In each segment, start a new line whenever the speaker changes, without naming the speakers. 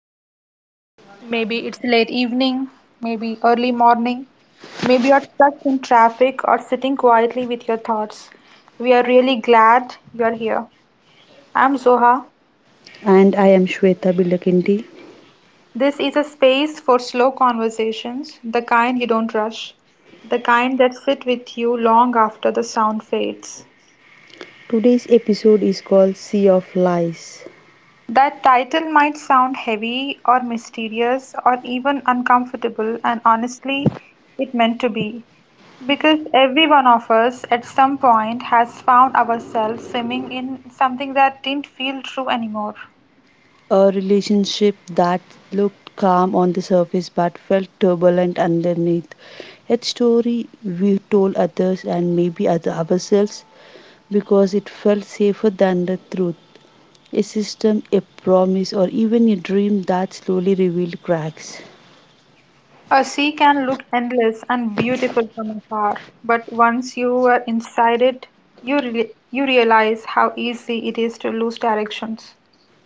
now. Maybe it's late evening, maybe early morning, maybe you're stuck in traffic or sitting quietly with your thoughts. We are really glad you're here. I'm Zoha.
And I am Shweta Bilakindi.
This is a space for slow conversations, the kind you don't rush, the kind that sit with you long after the sound fades.
Today's episode is called Sea of Lies.
That title might sound heavy or mysterious or even uncomfortable, and honestly, it meant to be. Because every one of us at some point has found ourselves swimming in something that didn't feel true anymore.
A relationship that looked calm on the surface but felt turbulent underneath. A story we told others and maybe other ourselves, because it felt safer than the truth. A system, a promise, or even a dream that slowly revealed cracks.
A sea can look endless and beautiful from afar, but once you are inside it, you realize how easy it is to lose directions.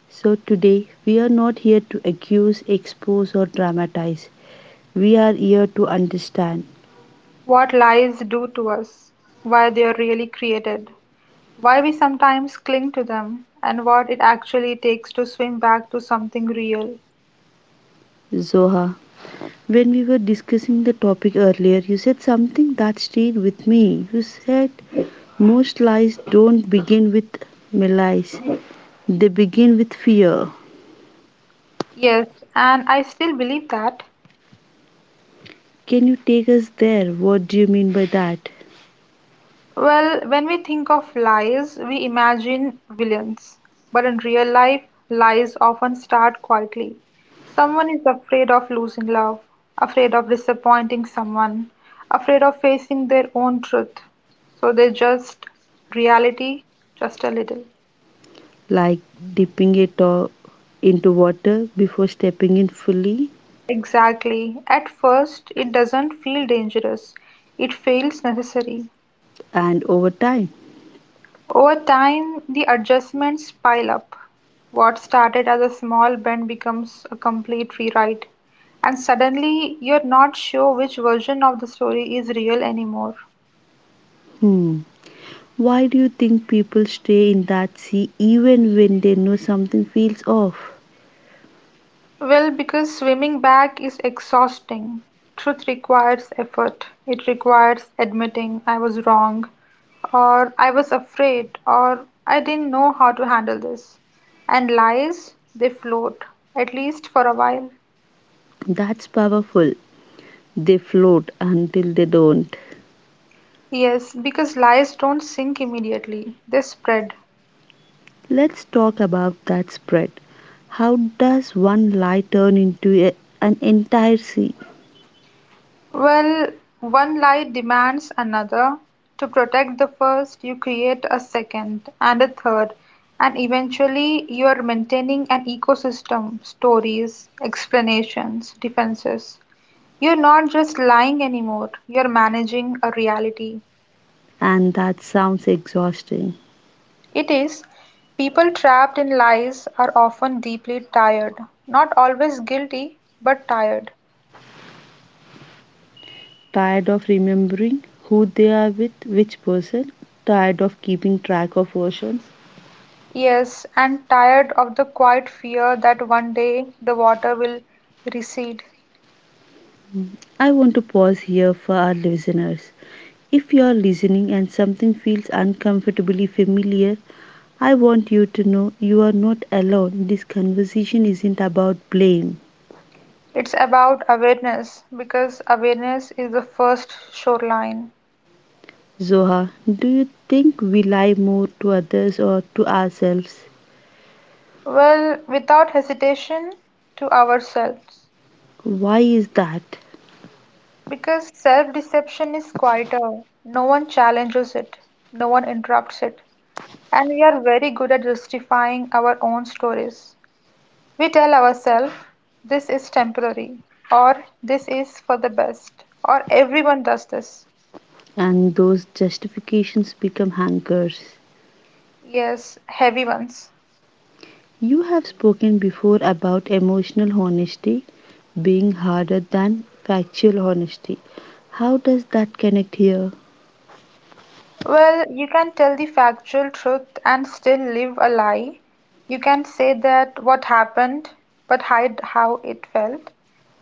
So, today we are not here to accuse, expose, or dramatize. We are here to understand.
What lies do to us, why they are really created, why we sometimes cling to them, and what it actually takes to swim back to something real.
Zoha, when we were discussing the topic earlier, you said something that stayed with me. You said most lies don't begin with malice, they begin with fear.
Yes, and I still believe that.
Can you take us there? What do you mean by that?
Well, when we think of lies, we imagine villains. But in real life, lies often start quietly. Someone is afraid of losing love, afraid of disappointing someone, afraid of facing their own truth. So they just reality just a little.
Like dipping it all into water before stepping in fully.
Exactly. At first, it doesn't feel dangerous, it feels necessary.
And over time?
Over time, the adjustments pile up. What started as a small bend becomes a complete rewrite, and suddenly you're not sure which version of the story is real anymore.
Hmm. Why do you think people stay in that sea even when they know something feels off?
Well, because swimming back is exhausting. Truth requires effort. It requires admitting I was wrong, or I was afraid, or I didn't know how to handle this. And lies, they float, at least for a while.
That's powerful. They float until they don't.
Yes, because lies don't sink immediately, they spread.
Let's talk about that spread. How does one lie turn into an entire sea?
Well, one lie demands another. To protect the first, you create a second and a third, and eventually you are maintaining an ecosystem, stories, explanations, defenses. You're not just lying anymore, you're managing a reality.
And that sounds exhausting.
It is, people trapped in lies are often deeply tired, not always guilty, but tired.
Tired of remembering who they are with which person? Tired of keeping track of oceans?
Yes, and tired of the quiet fear that one day the water will recede.
I want to pause here for our listeners. If you are listening and something feels uncomfortably familiar, I want you to know you are not alone. This conversation isn't about blame.
It's about awareness because awareness is the first shoreline.
Zoha, do you think we lie more to others or to ourselves?
Well, without hesitation to ourselves.
Why is that?
Because self deception is quieter, no one challenges it, no one interrupts it. And we are very good at justifying our own stories. We tell ourselves, this is temporary, or this is for the best, or everyone does this.
And those justifications become anchors.
Yes, heavy ones.
You have spoken before about emotional honesty being harder than factual honesty. How does that connect here?
Well, you can tell the factual truth and still live a lie. You can say that what happened but hide how it felt.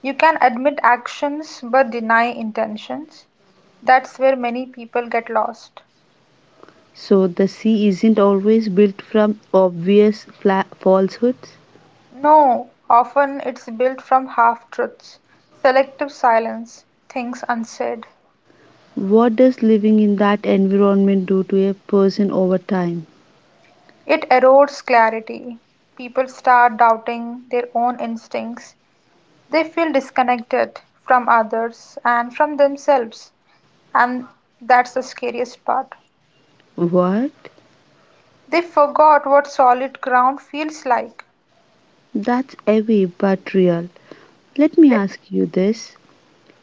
You can admit actions but deny intentions. That's where many people get lost.
So, the sea isn't always built from obvious falsehoods?
No, often it's built from half truths, selective silence, things unsaid.
What does living in that environment do to a person over time?
It erodes clarity. People start doubting their own instincts, they feel disconnected from others and from themselves, and that's the scariest part.
What?
They forgot what solid ground feels like.
That's heavy but real. Let me
Le-
ask you this.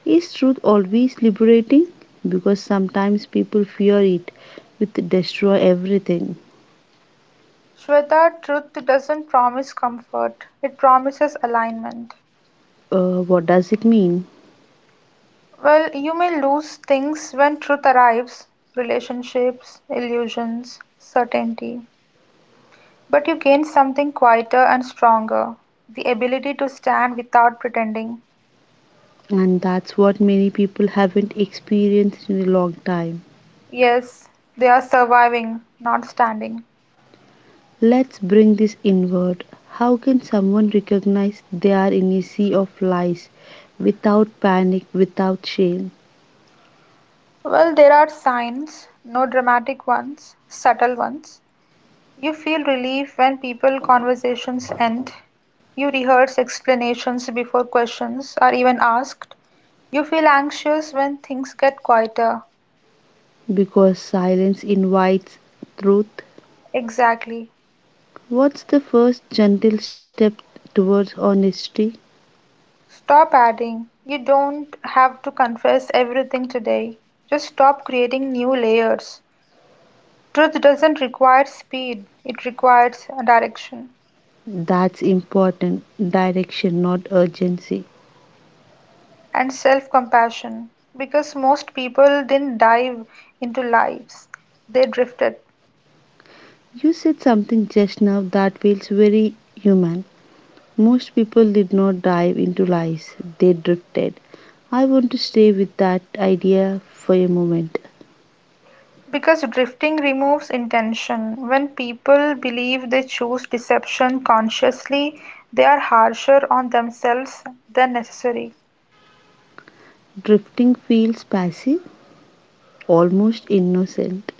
Is truth always liberating? Because sometimes people fear it with destroy everything.
Shweta, truth doesn't promise comfort, it promises alignment.
What does it mean?
Well, you may lose things when truth arrives relationships, illusions, certainty. But you gain something quieter and stronger the ability to stand without pretending.
And that's what many people haven't experienced in a long time.
Yes, they are surviving, not standing.
Let's bring this inward. How can someone recognize they are in a sea of lies without panic, without shame?
Well, there are signs, no dramatic ones, subtle ones. You feel relief when people conversations end. You rehearse explanations before questions are even asked. You feel anxious when things get quieter.
Because silence invites truth.
Exactly.
What's the first gentle step towards honesty?
Stop adding, you don't have to confess everything today. Just stop creating new layers. Truth doesn't require speed, it requires direction
That's important. Direction, not urgency.
and self compassion because most people didn't dive into lies, they drifted.
You said something just now that feels very human. Most people did not dive into lies, they drifted. I want to stay with that idea for a moment.
Because drifting removes intention. When people believe they choose deception consciously, they are harsher on themselves than necessary.
Drifting feels passive, almost innocent.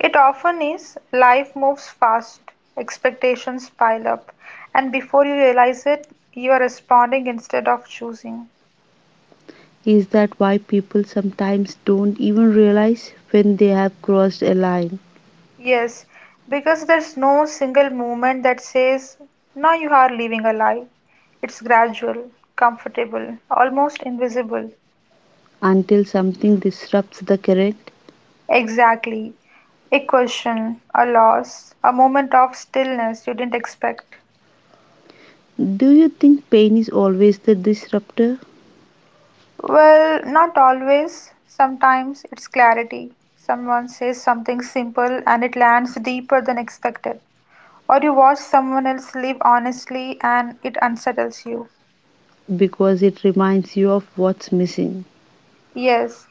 It often is. Life moves fast, expectations pile up, and before you realize it, you are responding instead of choosing.
Is that why people sometimes don't even realize when they have crossed a line?
Yes, because there's no single moment that says, now you are living a life. It's gradual, comfortable, almost invisible.
Until something disrupts the current.
Exactly. A question, a loss, a moment of stillness you didn't expect.
Do you think pain is always the disruptor?
Well, not always. Sometimes it's clarity. Someone says something simple and it lands deeper than expected. Or you watch someone else live honestly and it unsettles you.
Because it reminds you of what's missing.
Yes,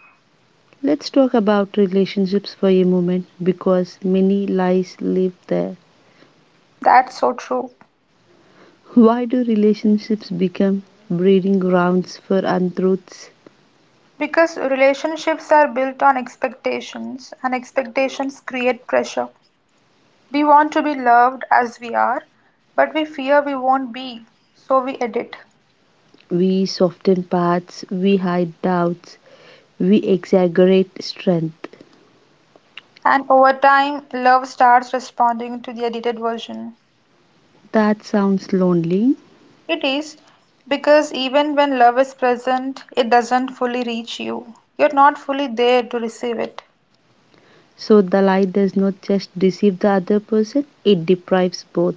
Let's talk about relationships for a moment, because many lies live there.
that's so true.
Why do relationships become breeding grounds for untruths?
Because relationships are built on expectations, and expectations create pressure. We want to be loved as we are, but we fear we won't be, so we edit.
We soften parts, we hide doubts, we exaggerate strength.
And over time, love starts responding to the edited version.
That sounds lonely.
It is because even when love is present, it doesn't fully reach you. You're not fully there to receive it.
So the lie does not just deceive the other person, it deprives both.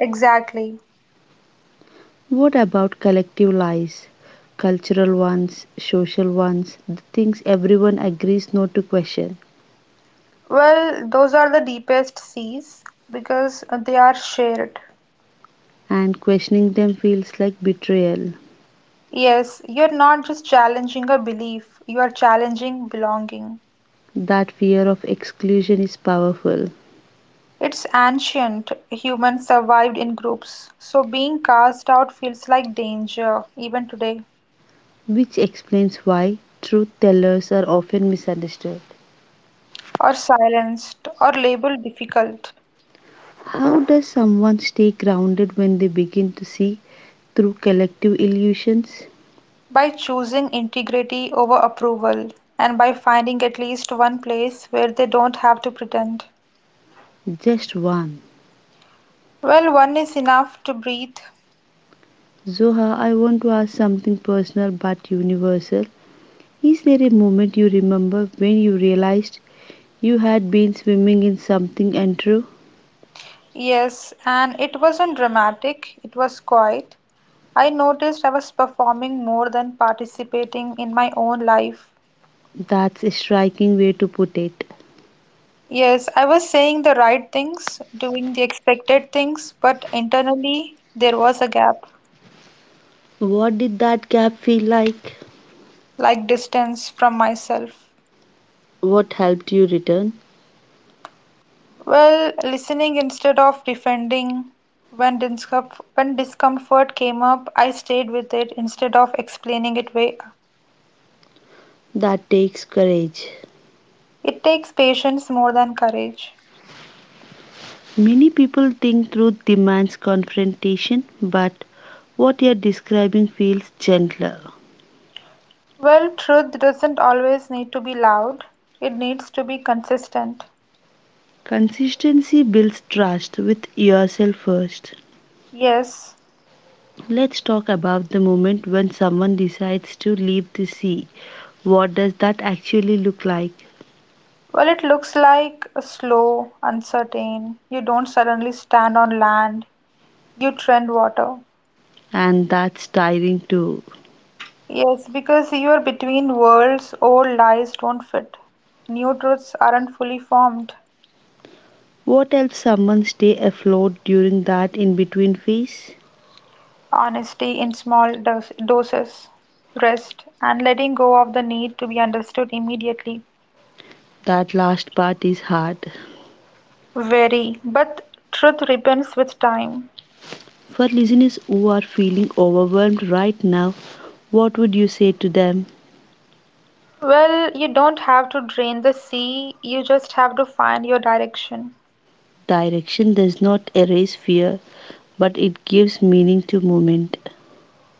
Exactly.
What about collective lies? Cultural ones, social ones, the things everyone agrees not to question.
Well, those are the deepest seas because they are shared.
And questioning them feels like betrayal.
Yes, you're not just challenging a belief, you are challenging belonging.
That fear of exclusion is powerful.
It's ancient. Humans survived in groups, so being cast out feels like danger even today,
Which explains why truth tellers are often misunderstood.
or silenced, or labeled difficult.
How does someone stay grounded when they begin to see through collective illusions?
By choosing integrity over approval, and by finding at least one place where they don't have to pretend.
Just one?
Well, one is enough to breathe.
Zoha, I want to ask something personal but universal. Is there a moment you remember when you realized you had been swimming in something untrue?
Yes, and it wasn't dramatic, it was quiet. I noticed I was performing more than participating in my own life.
That's a striking way to put it.
Yes, I was saying the right things, doing the expected things, but internally there was a gap,
What did that gap feel like?
like distance from myself.
What helped you return?
Well, listening instead of defending. When discomfort came up, I stayed with it instead of explaining it away.
That takes courage.
It takes patience more than courage.
Many people think truth demands confrontation, but what you're describing feels gentler.
Well, truth doesn't always need to be loud. It needs to be consistent.
Consistency builds trust with yourself first.
Yes.
Let's talk about the moment when someone decides to leave the sea. What does that actually look like?
Well, it looks like a slow, uncertain. You don't suddenly stand on land. You trend water.
And that's tiring too.
Yes, because you're between worlds, old lies don't fit. New truths aren't fully formed.
What helps someone stay afloat during that in between phase?
Honesty in small doses, rest, and letting go of the need to be understood immediately.
That last part is hard.
Very, but truth ripens with time.
For listeners who are feeling overwhelmed right now, what would you say to them?
Well, you don't have to drain the sea, you just have to find your direction.
Direction does not erase fear, but it gives meaning to movement.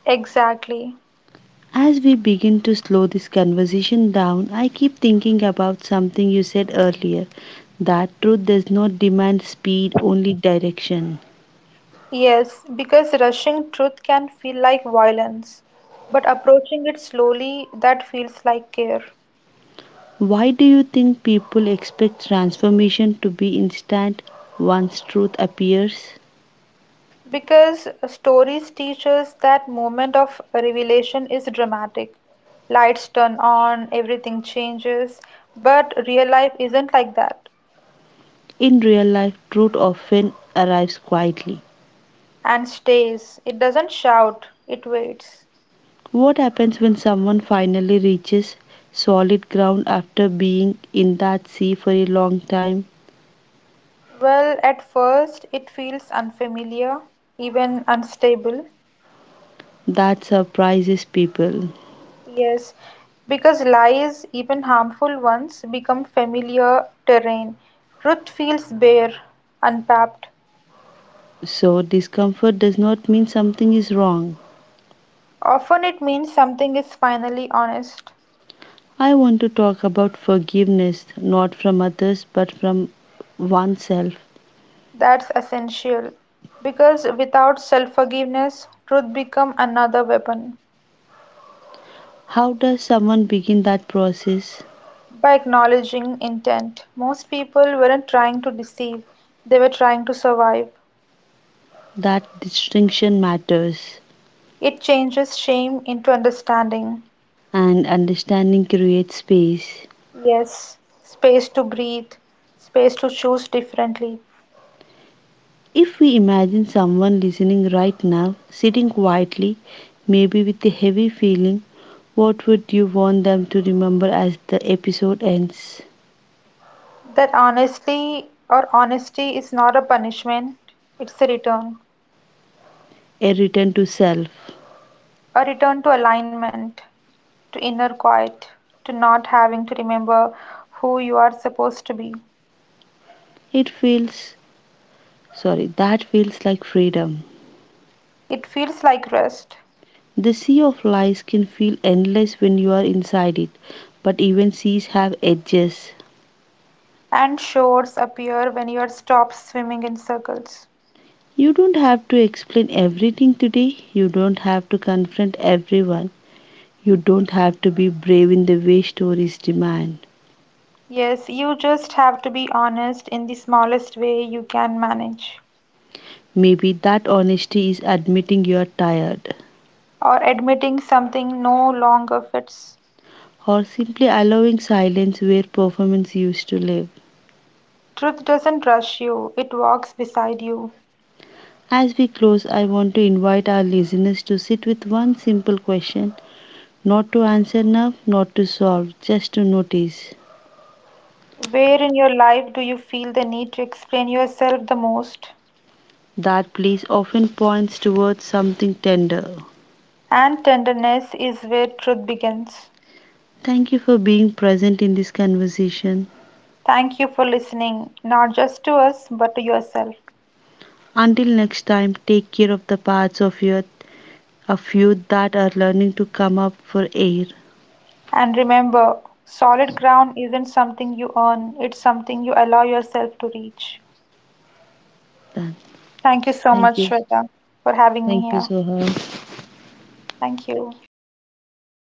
Exactly.
As we begin to slow this conversation down, I keep thinking about something you said earlier, that truth does not demand speed, only direction.
Yes, because rushing truth can feel like violence, but approaching it slowly, that feels like care.
Why do you think people expect transformation to be instant once truth appears?
Because stories teach us that moment of revelation is dramatic. Lights turn on, everything changes, but real life isn't like that
In real life, truth often arrives quietly.
and stays. It doesn't shout, it waits.
What happens when someone finally reaches solid ground after being in that sea for a long time?
Well, at first, it feels unfamiliar, even unstable.
That surprises people.
Yes, because lies, even harmful ones, become familiar terrain. Truth feels bare, unpacked.
So, discomfort does not mean something is wrong.
Often it means something is finally honest.
I want to talk about forgiveness, not from others but from oneself.
That's essential. Because without self forgiveness, truth becomes another weapon.
How does someone begin that process?
By acknowledging intent, most people weren't trying to deceive, they were trying to survive.
That distinction matters.
It changes shame into understanding.
And understanding creates space.
Yes, space to breathe, space to choose differently.
If we imagine someone listening right now, sitting quietly, maybe with a heavy feeling, what would you want them to remember as the episode ends?
That honestly or honesty is not a punishment, it's
A return to self.
a return to alignment to inner quiet, to not having to remember who you are supposed to be.
It feels— sorry, that feels like freedom.
It feels like rest,
The sea of lies can feel endless when you are inside it, but even seas have edges.
and shores appear when you stop swimming in circles.
You don't have to explain everything today. You don't have to confront everyone. You don't have to be brave in the way stories demand.
Yes, you just have to be honest in the smallest way you can manage,
Maybe that honesty is admitting you are tired,
or admitting something no longer fits.
or simply allowing silence where performance used to live.
Truth doesn't rush you, it walks beside you.
As we close, I want to invite our listeners to sit with one simple question. Not to answer enough, not to solve, just to notice.
Where in your life do you feel the need to explain yourself the most?
That please often points towards something tender.
And tenderness is where truth begins.
Thank you for being present in this conversation.
Thank you for listening, not just to us, but to yourself.
Until next time, take care of the parts of your, of you, that are learning to come up for air.
And remember, solid ground isn't something you earn, it's something you allow yourself to reach.
Done.
Thank you so
Thank
much,
you.
Shweta, for having me
Thank you,
here.
Soha.
Thank you.